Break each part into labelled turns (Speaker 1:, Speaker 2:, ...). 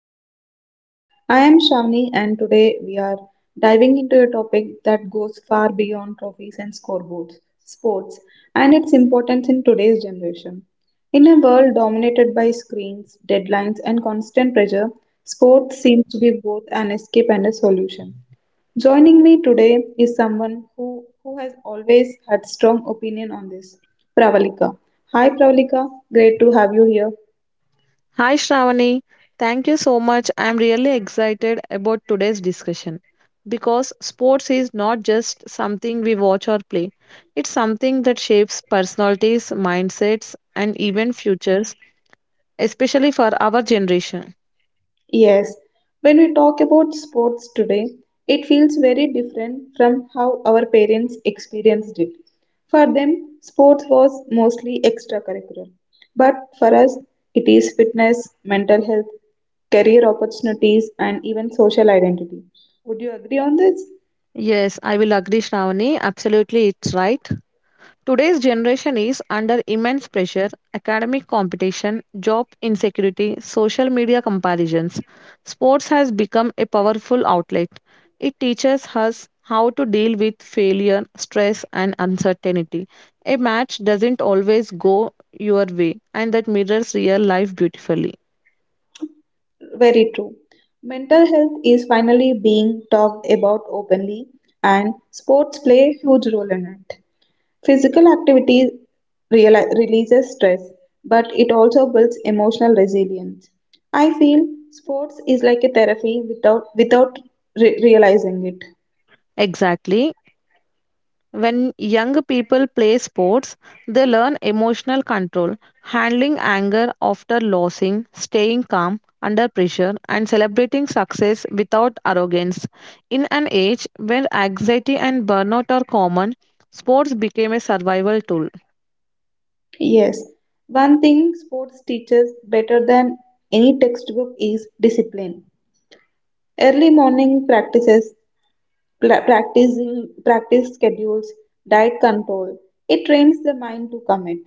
Speaker 1: More Than a Game. I am Shavni and today we are diving into a topic that goes far beyond trophies and scoreboards, sports, and its importance in today's generation. In a world dominated by screens, deadlines, and constant pressure, sports seems to be both an escape and a solution. Joining me today is someone who has always had strong opinion on this, Pravalika. Hi Pravalika, great to have you here.
Speaker 2: Hi Shravani, thank you so much. I'm really excited about today's discussion because sports is not just something we watch or play. It's something that shapes personalities, mindsets and even futures, especially for our generation.
Speaker 1: Yes, when we talk about sports today, it feels very different from how our parents experienced it. For them, sports was mostly extracurricular. But for us, it is fitness, mental health, career opportunities, and even social identity. Would you agree on this?
Speaker 2: Yes, I will agree Shravani, absolutely it's right. Today's generation is under immense pressure, academic competition, job insecurity, social media comparisons. Sports has become a powerful outlet. It teaches us how to deal with failure, stress, and uncertainty. A match doesn't always go your way, and that mirrors real life beautifully.
Speaker 1: Very true. Mental health is finally being talked about openly, and sports play a huge role in it. Physical activity releases stress, but it also builds emotional resilience. I feel sports is like a therapy without realizing it.
Speaker 2: Exactly. When young people play sports, they learn emotional control, handling anger after losing, staying calm under pressure, and celebrating success without arrogance. In an age when anxiety and burnout are common, sports became a survival tool.
Speaker 1: Yes, one thing sports teaches better than any textbook is discipline. Early morning practices, pla- practicing practice schedules, diet control. It trains the mind to commit.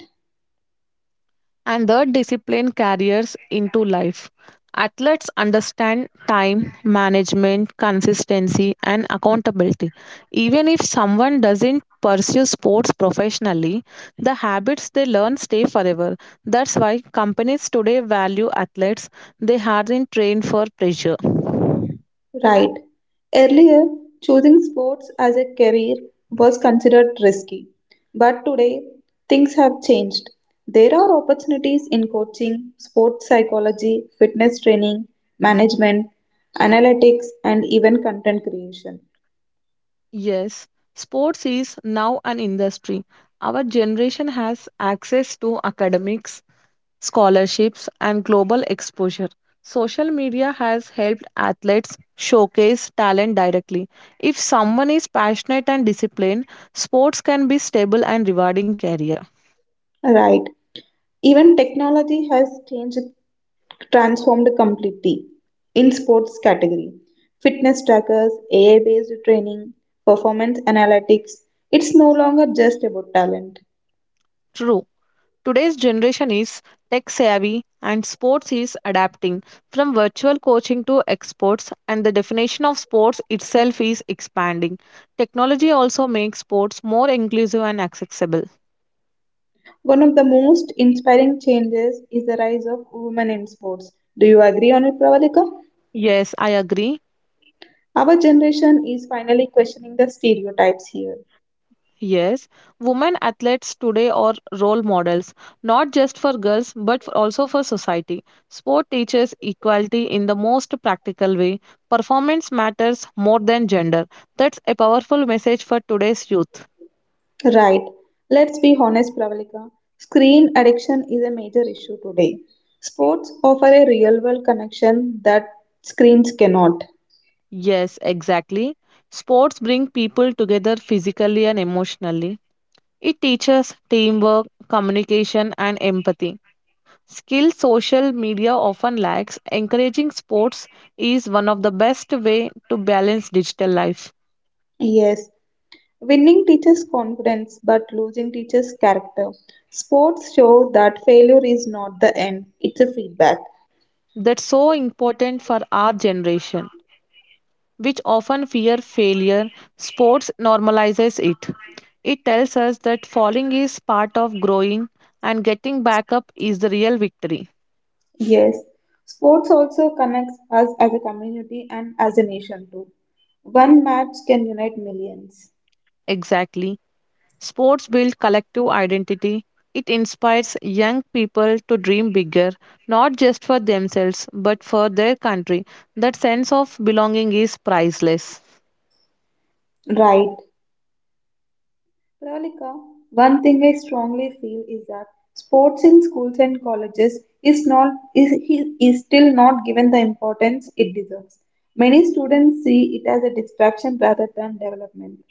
Speaker 2: And the discipline carries into life. Athletes understand time management, consistency, and accountability. Even if someone doesn't pursue sports professionally, the habits they learn stay forever. That's why companies today value athletes, they aren't trained for pressure.
Speaker 1: Right. Earlier, choosing sports as a career was considered risky. But today, things have changed. There are opportunities in coaching, sports psychology, fitness training, management, analytics, and even content creation.
Speaker 2: Yes, sports is now an industry. Our generation has access to academics scholarships, and global exposure. Social media has helped athletes showcase talent directly. If someone is passionate and disciplined, sports can be stable and rewarding career.
Speaker 1: Right. Even technology has changed, transformed completely in sports category. Fitness trackers, AI-based training, performance analytics. It's no longer just about talent.
Speaker 2: True. Today's generation is tech savvy and sports is adapting from virtual coaching to exports and the definition of sports itself is expanding. Technology also makes sports more inclusive and accessible.
Speaker 1: One of the most inspiring changes is the rise of women in sports. Do you agree on it, Pravalika?
Speaker 2: Yes, I agree.
Speaker 1: Our generation is finally questioning the stereotypes here.
Speaker 2: Yes, women athletes today are role models, not just for girls but also for society. Sport teaches equality in the most practical way. Performance matters more than gender. That's a powerful message for today's youth.
Speaker 1: Right. Let's be honest, Pravalika. Screen addiction is a major issue today. Sports offer a real world connection that screens cannot.
Speaker 2: Yes, exactly. Sports bring people together physically and emotionally. It teaches teamwork, communication, and empathy. Skill social media often lacks. Encouraging sports is one of the best way to balance digital life.
Speaker 1: Yes. Winning teaches confidence, but losing teaches character. Sports show that failure is not the end, it's a feedback.
Speaker 2: That's so important for our generation, which often fear failure. Sports normalizes it. It tells us that falling is part of growing and getting back up is the real victory.
Speaker 1: Yes. Sports also connects us as a community and as a nation too. One match can unite millions.
Speaker 2: Exactly. Sports build collective identity. It inspires young people to dream bigger, not just for themselves, but for their country. That sense of belonging is priceless.
Speaker 1: Right. Pravalika, one thing I strongly feel is that sports in schools and colleges is still not given the importance it deserves. Many students see it as a distraction rather than development.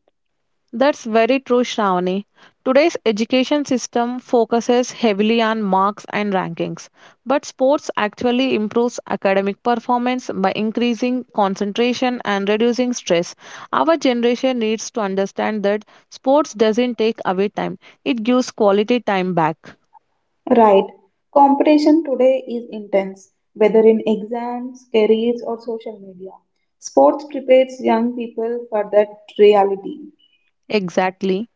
Speaker 2: That's very true, Shravani. Today's education system focuses heavily on marks and rankings, but sports actually improves academic performance by increasing concentration and reducing stress. Our generation needs to understand that sports doesn't take away time, it gives quality time back.
Speaker 1: Right. Competition today is intense, whether in exams, careers or social media. Sports prepares young people for that reality.
Speaker 2: Exactly.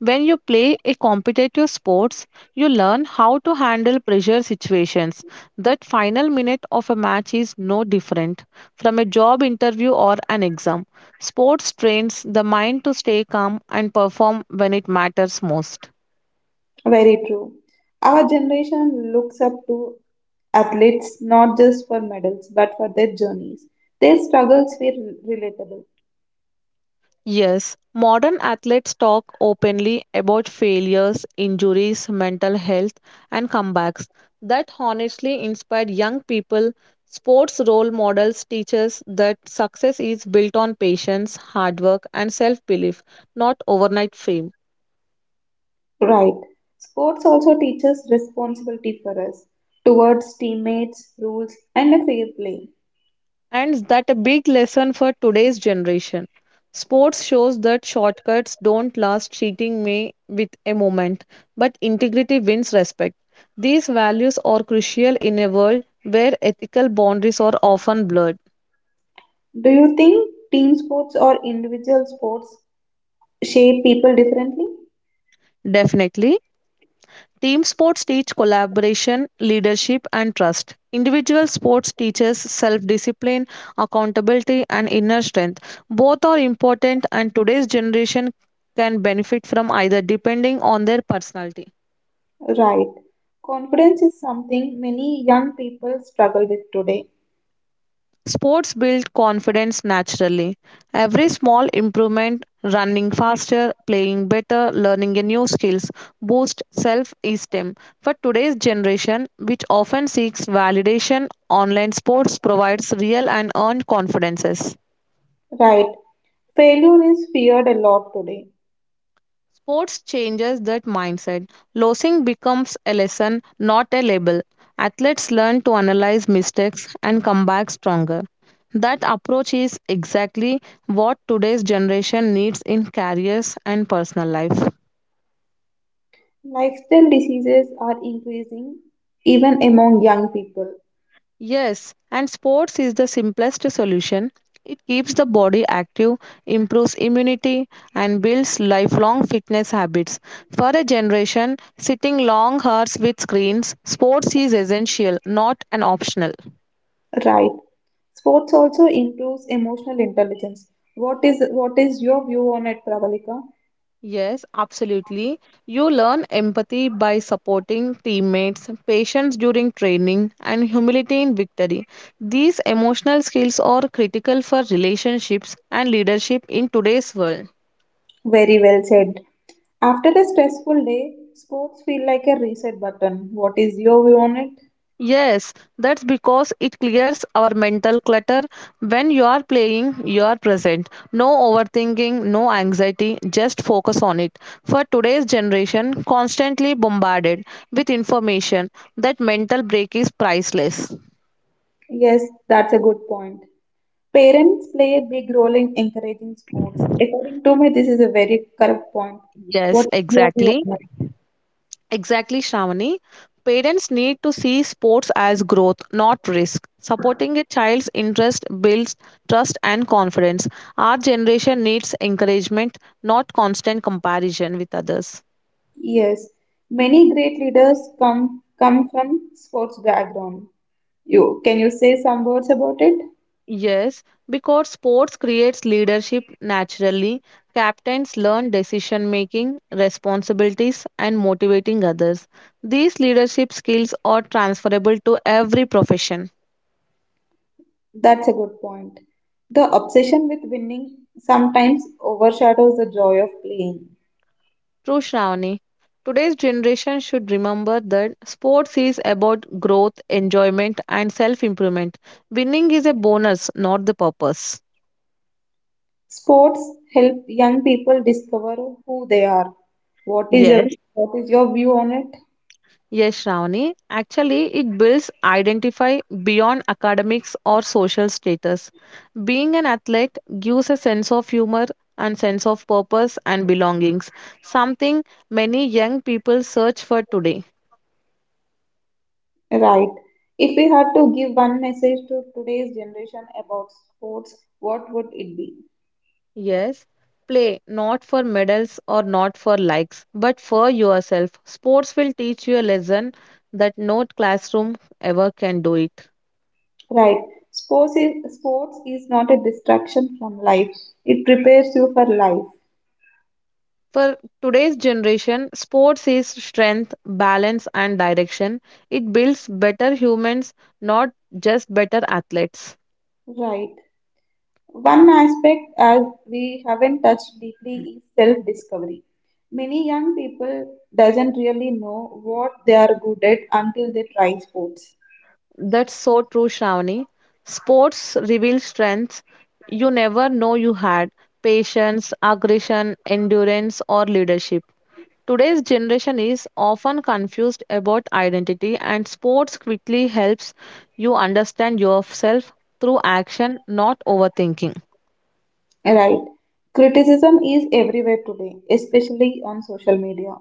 Speaker 2: When you play a competitive sports, you learn how to handle pressure situations. That final minute of a match is no different from a job interview or an exam. Sports trains the mind to stay calm and perform when it matters most.
Speaker 1: Very true. Our generation looks up to athletes not just for medals but for their journeys. Their struggles were relatable.
Speaker 2: Yes, modern athletes talk openly about failures, injuries, mental health, and comebacks that honestly inspire young people. Sports role models teach us that success is built on patience, hard work, and self belief, not overnight fame.
Speaker 1: Right. Sports also teaches responsibility for us towards teammates, rules, and a fair play.
Speaker 2: And that a big lesson for today's generation. Sports shows that shortcuts don't last, cheating may with a moment, but integrity wins respect. These values are crucial in a world where ethical boundaries are often blurred.
Speaker 1: Do you think team sports or individual sports shape people differently?
Speaker 2: Definitely. Team sports teach collaboration, leadership, and trust. Individual sports teaches self discipline, accountability, and inner strength. Both are important, and today's generation can benefit from either depending on their personality.
Speaker 1: Right. Confidence is something many young people struggle with today.
Speaker 2: Sports build confidence naturally. Every small improvement, running faster, playing better, learning a new skills, boosts self-esteem. For today's generation, which often seeks validation, online sports provides real and earned confidences.
Speaker 1: Right. Failure is feared a lot today.
Speaker 2: Sports changes that mindset. Losing becomes a lesson, not a label. Athletes learn to analyze mistakes and come back stronger. That approach is exactly what today's generation needs in careers and personal life.
Speaker 1: Lifestyle diseases are increasing even among young people.
Speaker 2: Yes, and sports is the simplest solution. It keeps the body active, improves immunity, and builds lifelong fitness habits. For a generation sitting long hours with screens, sports is essential, not an optional.
Speaker 1: Right. Sports also improves emotional intelligence. What is your view on it, Pravalika?
Speaker 2: Yes, absolutely. You learn empathy by supporting teammates, patience during training, and humility in victory. These emotional skills are critical for relationships and leadership in today's world.
Speaker 1: Very well said. After a stressful day, sports feel like a reset button. What is your view on it?
Speaker 2: Yes, that's because it clears our mental clutter. When you are playing, you are present. No overthinking, no anxiety, just focus on it. For today's generation, constantly bombarded with information, that mental break is priceless.
Speaker 1: Yes, that's a good point. Parents play a big role in encouraging sports. According to me, this is a very correct point. What
Speaker 2: Yes,
Speaker 1: is your view
Speaker 2: exactly.
Speaker 1: on it?
Speaker 2: Exactly, Shravani. Parents need to see sports as growth, not risk. Supporting a child's interest builds trust and confidence. Our generation needs encouragement, not constant comparison with others.
Speaker 1: Yes, many great leaders come from sports background. You can you say some words about it?
Speaker 2: Yes, because sports creates leadership naturally. Captains learn decision making, responsibilities, and motivating others. These leadership skills are transferable to every profession.
Speaker 1: That's a good point. The obsession with winning sometimes overshadows the joy of playing.
Speaker 2: True, Shravani. Today's generation should remember that sports is about growth, enjoyment, and self improvement. Winning is a bonus, not the purpose.
Speaker 1: Sports help young people discover who they are. What is your
Speaker 2: Yes.
Speaker 1: what is your view on it?
Speaker 2: Yes, Shravani. Actually, it builds identify beyond academics or social status. Being an athlete gives a sense of humor and sense of purpose and belongings, something many young people search for today.
Speaker 1: Right. If we had to give one message to today's generation about sports, what would it be?
Speaker 2: Yes, play not for medals or not for likes, but for yourself. Sports will teach you a lesson that no classroom ever can do it.
Speaker 1: Right. Sports is not a distraction from life. It prepares you for life.
Speaker 2: For today's generation, sports is strength, balance, and direction. It builds better humans, not just better athletes.
Speaker 1: Right. One aspect as we haven't touched deeply is self-discovery. Many young people doesn't really know what they are good at until they try sports.
Speaker 2: That's so true, Shravani. Sports reveal strengths you never know you had patience, aggression, endurance, or leadership. Today's generation is often confused about identity, and sports quickly helps you understand yourself through action, not overthinking.
Speaker 1: Right. Criticism is everywhere today, especially on social media.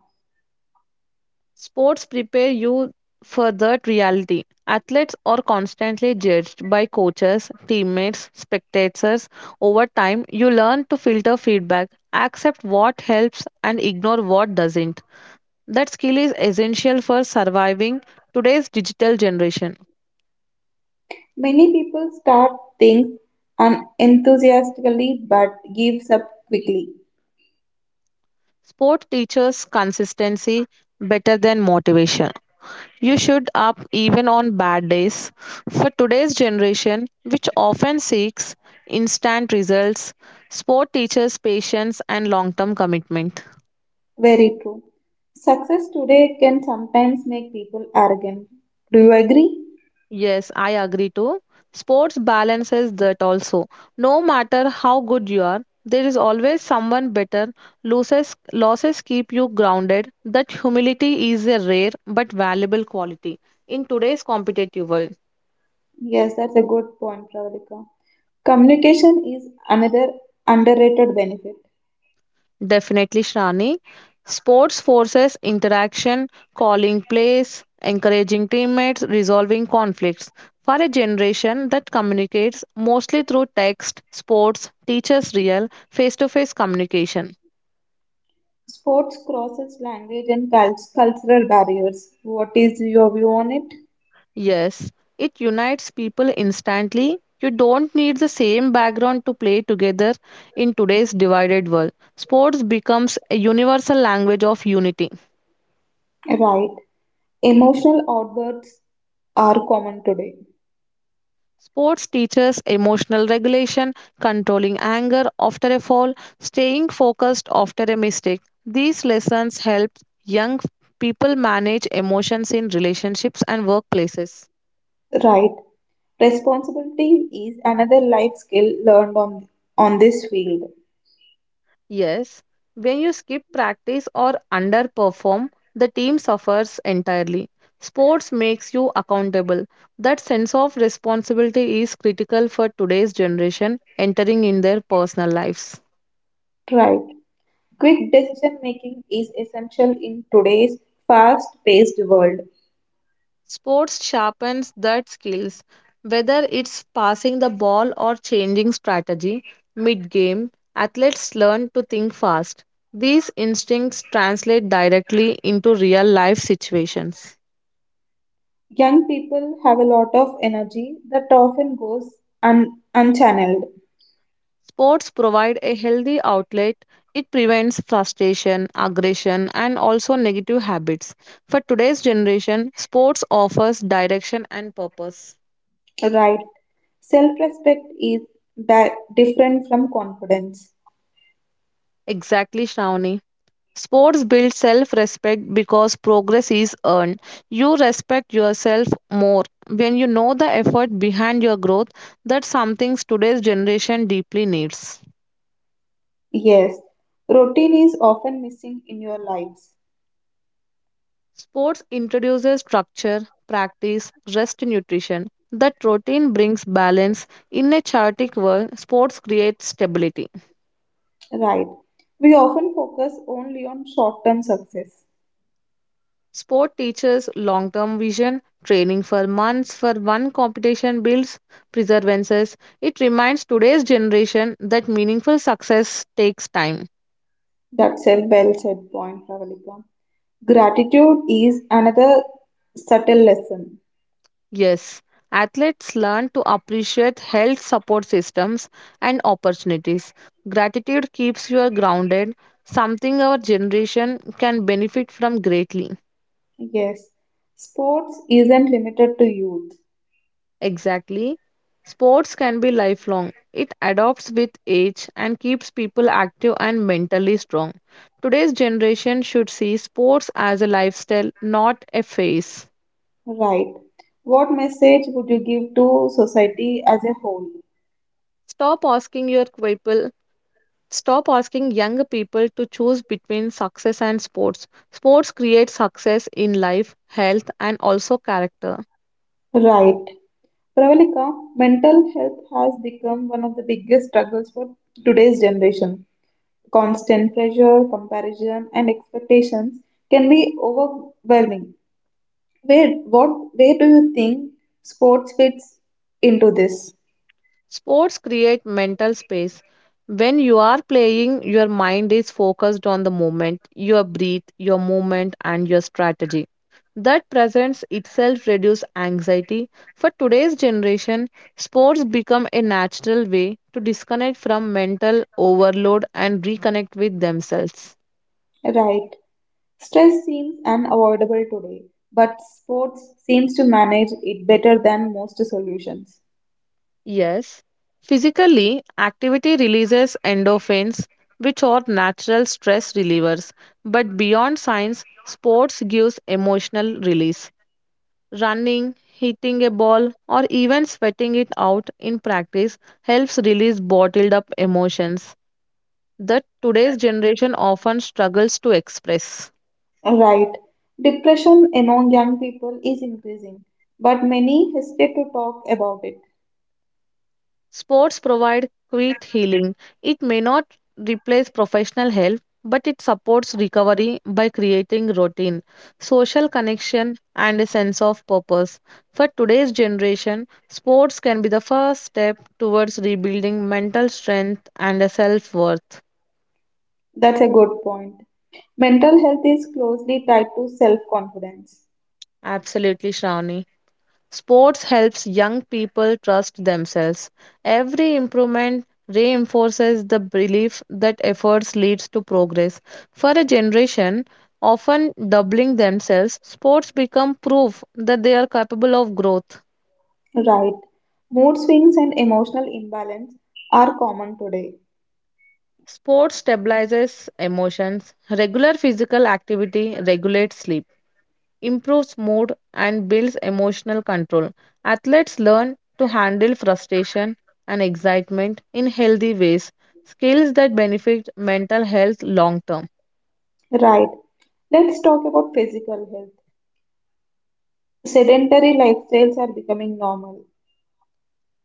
Speaker 2: Sports prepare you for that reality. Athletes are constantly judged by coaches, teammates, spectators. Over time, you learn to filter feedback, accept what helps, and ignore what doesn't. That skill is essential for surviving today's digital generation.
Speaker 1: Many people start things enthusiastically but gives up quickly.
Speaker 2: Sport teaches consistency better than motivation. You should up even on bad days. For today's generation, which often seeks instant results, sport teaches patience and long term commitment.
Speaker 1: Very true. Success today can sometimes make people arrogant. Do you agree?
Speaker 2: Yes, I agree too. Sports balances that also. No matter how good you are, there is always someone better. Losses keep you grounded. That humility is a rare but valuable quality in today's competitive world.
Speaker 1: Yes, that's a good point, Pravalika. Communication is another underrated benefit.
Speaker 2: Definitely, Shrani. Sports forces interaction, calling plays, encouraging teammates, resolving conflicts. For a generation that communicates mostly through text, sports teaches real face to face communication.
Speaker 1: Sports crosses language and cultural barriers. What is your view on it?
Speaker 2: Yes, it unites people instantly. You don't need the same background to play together in today's divided world. Sports becomes a universal language of unity.
Speaker 1: Right. Emotional outbursts are common today.
Speaker 2: Sports teaches emotional regulation, controlling anger after a fall, staying focused after a mistake. These lessons help young people manage emotions in relationships and workplaces.
Speaker 1: Right. Responsibility is another life skill learned on this field.
Speaker 2: Yes, when you skip practice or underperform, the team suffers entirely. Sports makes you accountable. That sense of responsibility is critical for today's generation entering in their personal lives.
Speaker 1: Right. Quick decision making is essential in today's fast paced world.
Speaker 2: Sports sharpens that skills, whether it's passing the ball or changing strategy mid game. Athletes learn to think fast. These instincts translate directly into real life situations.
Speaker 1: Young people have a lot of energy that often goes unchanneled.
Speaker 2: Sports provide a healthy outlet. It prevents frustration, aggression, and also negative habits. For today's generation, sports offers direction and purpose.
Speaker 1: Right. Self respect is different from confidence.
Speaker 2: Exactly, Shravani. Sports build self respect because progress is earned. You respect yourself more when you know the effort behind your growth. That's something today's generation deeply needs.
Speaker 1: Yes. Routine is often missing in your lives.
Speaker 2: Sports introduces structure, practice, rest, nutrition. That routine brings balance. In a chaotic world, sports creates stability.
Speaker 1: Right. We often focus only on short term success.
Speaker 2: Sport teaches long term vision, training for months for one competition builds perseverance. It reminds today's generation that meaningful success takes time.
Speaker 1: That's a well said point, Pravalika. Gratitude is another subtle lesson.
Speaker 2: Yes, athletes learn to appreciate health support systems and opportunities. Gratitude keeps you grounded, something our generation can benefit from greatly.
Speaker 1: Yes, sports isn't limited to youth.
Speaker 2: Exactly. Sports can be lifelong. It adopts with age and keeps people active and mentally strong. Today's generation should see sports as a lifestyle, not a phase.
Speaker 1: Right. What message would you give to society as a whole?
Speaker 2: Stop asking your people, stop asking younger people to choose between success and sports. Sports create success in life, health and also character.
Speaker 1: Right. Pravalika, mental health has become one of the biggest struggles for today's generation. Constant pressure, comparison, and expectations can be overwhelming. Where, what, where do you think sports fits into this?
Speaker 2: Sports create mental space. When you are playing, your mind is focused on the moment, your breath, your movement, and your strategy. That presence itself reduces anxiety. For today's generation, sports become a natural way to disconnect from mental overload and reconnect with themselves.
Speaker 1: Right. Stress seems unavoidable today, but sports seems to manage it better than most solutions.
Speaker 2: Yes. Physically, activity releases endorphins, which are natural stress relievers. But beyond science, sports gives emotional release. Running, hitting a ball, or even sweating it out in practice helps release bottled up emotions that today's generation often struggles to express.
Speaker 1: Right. Depression among young people is increasing, but many hesitate to talk about it.
Speaker 2: Sports provide quick healing. It may not replace professional help, but it supports recovery by creating routine, social connection, and a sense of purpose. For today's generation, sports can be the first step towards rebuilding mental strength and a self worth.
Speaker 1: That's a good point. Mental health is closely tied to self confidence.
Speaker 2: Absolutely, Shravani. Sports helps young people trust themselves. Every improvement reinforces the belief that efforts leads to progress. For a generation often doubling themselves, sports become proof that they are capable of growth.
Speaker 1: Right. Mood swings and emotional imbalance are common today.
Speaker 2: Sports stabilizes emotions. Regular physical activity regulates sleep. Improves mood, and builds emotional control. Athletes learn to handle frustration and excitement in healthy ways, skills that benefit mental health long term.
Speaker 1: Right. Let's talk about physical health. Sedentary lifestyles are becoming normal.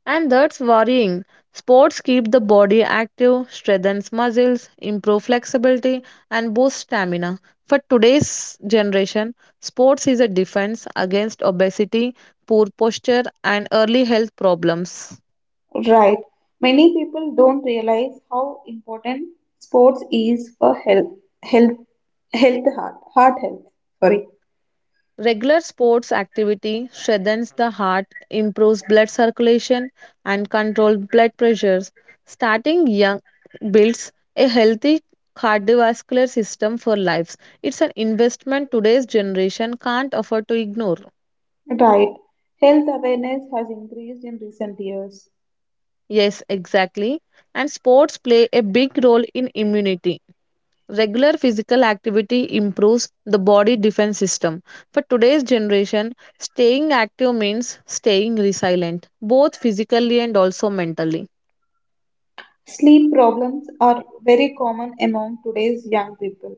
Speaker 2: And that's worrying. Sports keep the body active, strengthens muscles, improve flexibility, and boost stamina. For today's generation, sports is a defense against obesity, poor posture, and early health problems.
Speaker 1: Right. Many people don't realize how important sports is for health, health, heart health. Sorry.
Speaker 2: Regular sports activity strengthens the heart, improves blood circulation, and controls blood pressures. Starting young builds a healthy cardiovascular system for lives. It's an investment today's generation can't afford to ignore.
Speaker 1: Right. Health awareness has increased in recent years.
Speaker 2: Yes, exactly. And sports play a big role in immunity. Regular physical activity improves the body defense system. For today's generation, staying active means staying resilient, both physically and also mentally.
Speaker 1: Sleep problems are very common among today's young people.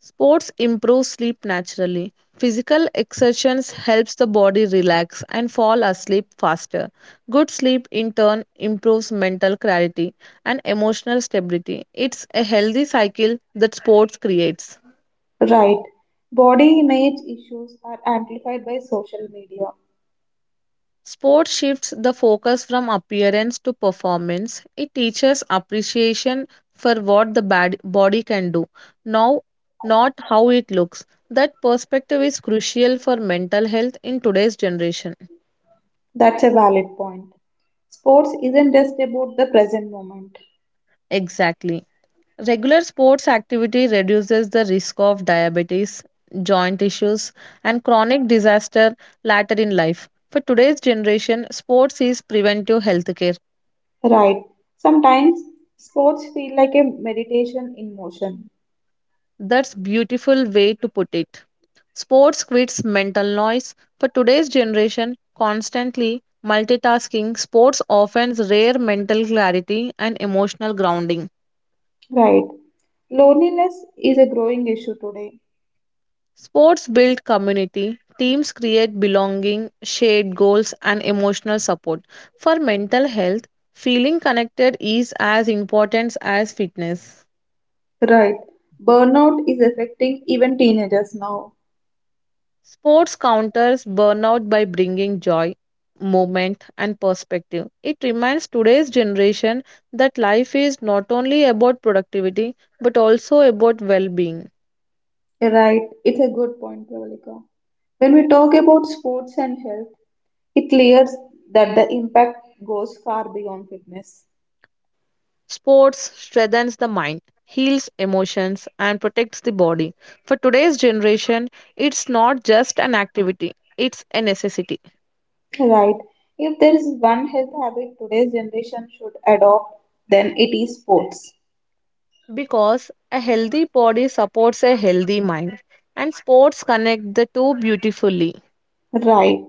Speaker 2: Sports improve sleep naturally. Physical exertions helps the body relax and fall asleep faster. Good sleep in turn improves mental clarity and emotional stability. It's a healthy cycle that sports creates.
Speaker 1: Right. Body image issues are amplified by social media.
Speaker 2: Sport shifts the focus from appearance to performance. It teaches appreciation for what the bad body can do, now not how it looks. That perspective is crucial for mental health in today's generation.
Speaker 1: That's a valid point. Sports isn't just about the present moment.
Speaker 2: Exactly. Regular sports activity reduces the risk of diabetes, joint issues, and chronic disaster later in life. For today's generation, sports is preventive healthcare.
Speaker 1: Right. Sometimes sports feel like a meditation in motion.
Speaker 2: That's beautiful way to put it. Sports quits mental noise. For today's generation, constantly multitasking, sports offers rare mental clarity and emotional grounding.
Speaker 1: Right. Loneliness is a growing issue today.
Speaker 2: Sports build community, teams create belonging, shared goals, and emotional support. For mental health, feeling connected is as important as fitness.
Speaker 1: Right. Burnout is affecting even teenagers now.
Speaker 2: Sports counters burnout by bringing joy, movement, and perspective. It reminds today's generation that life is not only about productivity but also about well being.
Speaker 1: Right. It's a good point, Pravalika. When we talk about sports and health, it clears that the impact goes far beyond fitness.
Speaker 2: Sports strengthens the mind, heals emotions, and protects the body. For today's generation, it's not just an activity, it's a necessity
Speaker 1: Right. If there is one health habit today's generation should adopt, then it is sports.
Speaker 2: because a healthy body supports a healthy mind, and sports connect the two beautifully.
Speaker 1: Right.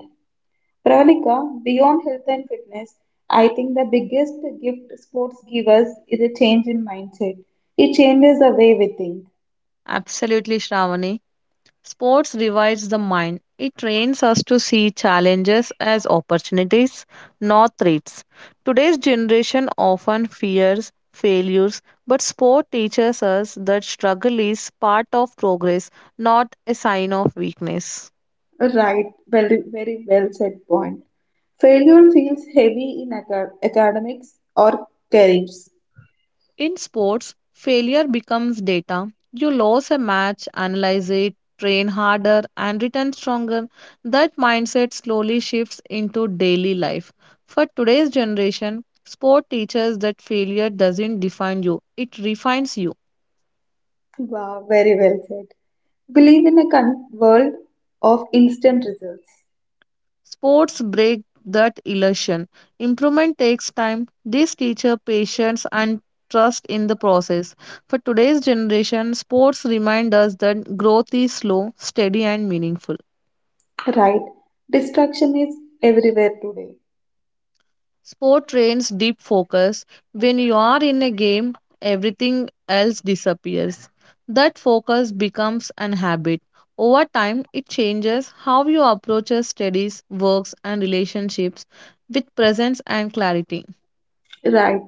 Speaker 1: Pravalika, beyond health and fitness, I think the biggest gift sports give us is a change in mindset. It changes the way we think.
Speaker 2: Absolutely, Shravani. Sports revives the mind. It trains us to see challenges as opportunities, not threats. Today's generation often fears failures, but sport teaches us that struggle is part of progress, not a sign of weakness.
Speaker 1: Right, very well said point. Failure feels heavy in academics or careers.
Speaker 2: In sports, failure becomes data. You lose a match, analyze it, train harder, and return stronger. That mindset slowly shifts into daily life. For today's generation, sport teaches that failure doesn't define you, it refines you.
Speaker 1: Wow, very well said. We live in a world of instant results.
Speaker 2: Sports break that illusion. Improvement takes time. This teaches patience and trust in the process. For today's generation, sports remind us that growth is slow, steady, and meaningful.
Speaker 1: Right, distraction is everywhere today.
Speaker 2: Sport trains deep focus. When you are in a game, everything else disappears. That focus becomes an habit. Over time, it changes how you approach your studies, works, and relationships with presence and clarity.
Speaker 1: Right,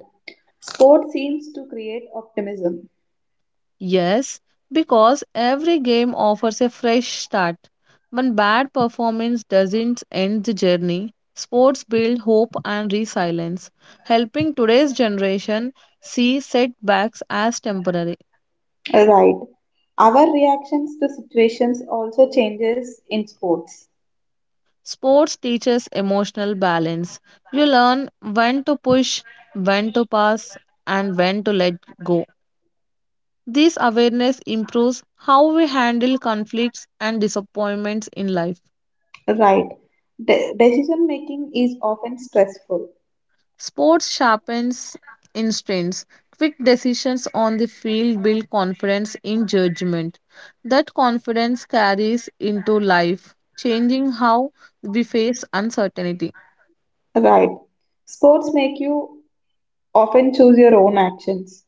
Speaker 1: sport seems to create optimism.
Speaker 2: Yes, because every game offers a fresh start. One bad performance doesn't end the journey. Sports build hope and resilience, helping today's generation see setbacks as temporary.
Speaker 1: Right. Our reactions to situations also changes in sports.
Speaker 2: Sports teaches emotional balance. You learn when to push, when to pass, and when to let go. This awareness improves how we handle conflicts and disappointments in life.
Speaker 1: Right. Decision making is often stressful.
Speaker 2: Sports sharpens instincts. Quick decisions on the field build confidence in judgment. That confidence carries into life, changing how we face uncertainty.
Speaker 1: Right. Sports make you often choose your own actions.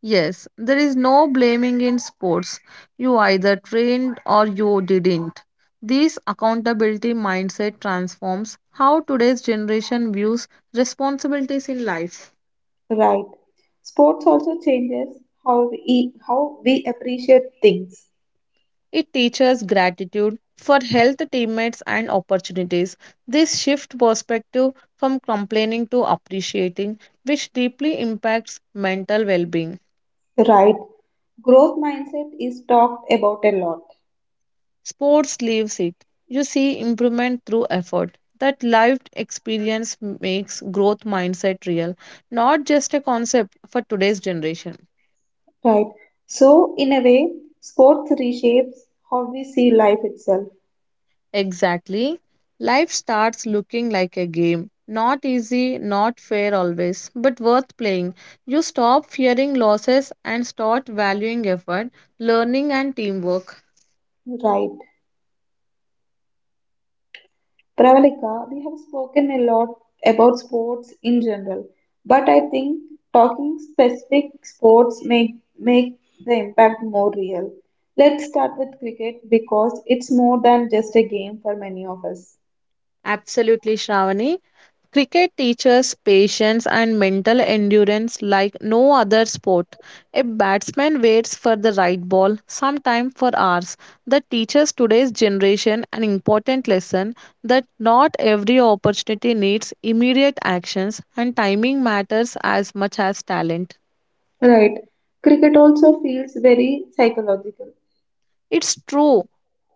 Speaker 2: Yes, there is no blaming in sports. You either trained or you didn't. This accountability mindset transforms how today's generation views responsibilities in life.
Speaker 1: Right. Sports also changes how we appreciate things.
Speaker 2: It teaches gratitude for health, teammates, and opportunities. This shift perspective from complaining to appreciating, which deeply impacts mental well being.
Speaker 1: Right. Growth mindset is talked about a lot.
Speaker 2: Sports leaves it. You see improvement through effort. That lived experience makes growth mindset real, not just a concept for today's generation.
Speaker 1: Right. So in a way, sports reshapes how we see life itself.
Speaker 2: Exactly. Life starts looking like a game. Not easy, not fair always, but worth playing. You stop fearing losses and start valuing effort, learning, and teamwork.
Speaker 1: Right. Pravalika, we have spoken a lot about sports in general, but I think talking specific sports make the impact more real. Let's start with cricket because it's more than just a game for many of us.
Speaker 2: Absolutely, Shravani. Cricket teaches patience and mental endurance like no other sport. A batsman waits for the right ball, sometimes for hours. That teaches today's generation an important lesson that not every opportunity needs immediate actions and timing matters as much as talent.
Speaker 1: Right. Cricket also feels very psychological.
Speaker 2: It's true.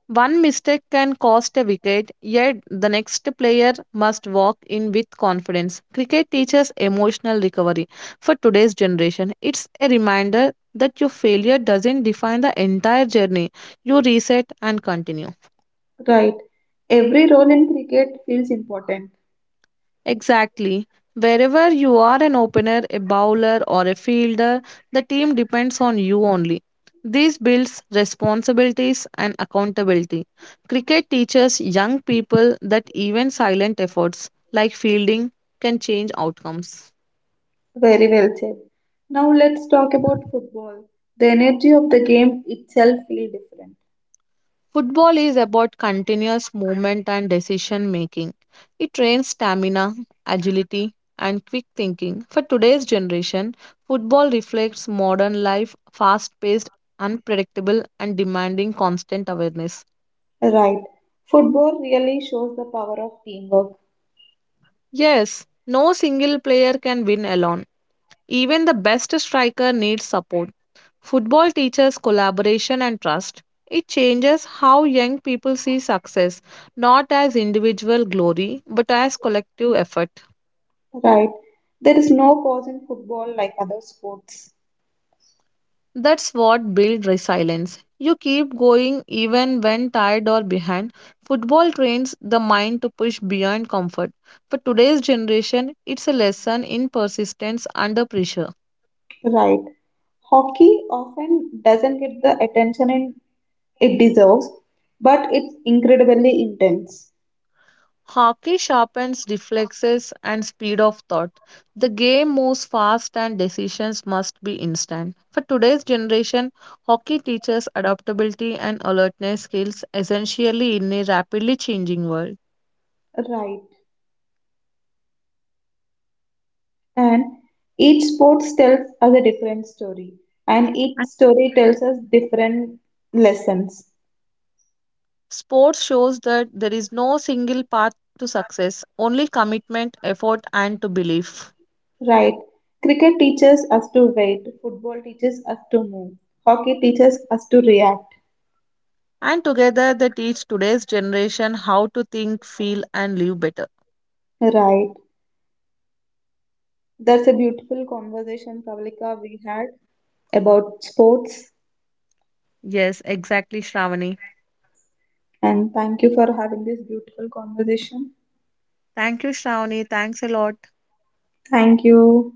Speaker 2: One mistake can cost a wicket, yet the next player must walk in with confidence. Cricket teaches emotional recovery. For today's generation, it's a reminder that your failure doesn't define the entire journey. You reset and continue.
Speaker 1: Right. Every role in cricket feels important.
Speaker 2: Exactly. Wherever you are an opener, a bowler, or a fielder, the team depends on you only. This builds responsibilities and accountability. Cricket teaches young people that even silent efforts like fielding can change outcomes.
Speaker 1: Very well said. Now let's talk about football. The energy of the game itself feels different.
Speaker 2: Football is about continuous movement and decision making. It trains stamina, agility, and quick thinking. For today's generation, football reflects modern life, fast paced, unpredictable, and demanding constant awareness.
Speaker 1: Right. Football really shows the power of teamwork.
Speaker 2: Yes, no single player can win alone. Even the best striker needs support. Football teaches collaboration and trust. It changes how young people see success, not as individual glory, but as collective effort.
Speaker 1: Right. There is no pause in football like other sports.
Speaker 2: That's what builds resilience. You keep going even when tired or behind. Football trains the mind to push beyond comfort. For today's generation, it's a lesson in persistence under pressure.
Speaker 1: Right. Hockey often doesn't get the attention in, it deserves, but it's incredibly intense.
Speaker 2: Hockey sharpens reflexes and speed of thought. The game moves fast and decisions must be instant. For today's generation, hockey teaches adaptability and alertness skills essentially in a rapidly changing world.
Speaker 1: Right. And each sport tells us a different story, and each
Speaker 2: And
Speaker 1: story tells us different lessons.
Speaker 2: sports shows that there is no single path to success, only commitment, effort, and to belief.
Speaker 1: Right. Cricket teaches us to wait, football teaches us to move, hockey teaches us to react.
Speaker 2: And together they teach today's generation how to think, feel, and live better.
Speaker 1: Right. That's a beautiful conversation, Pravalika, we had about sports.
Speaker 2: Yes, exactly, Shravani.
Speaker 1: And thank you for having this beautiful conversation.
Speaker 2: Thank you, Shravani. Thanks a lot.
Speaker 1: Thank you.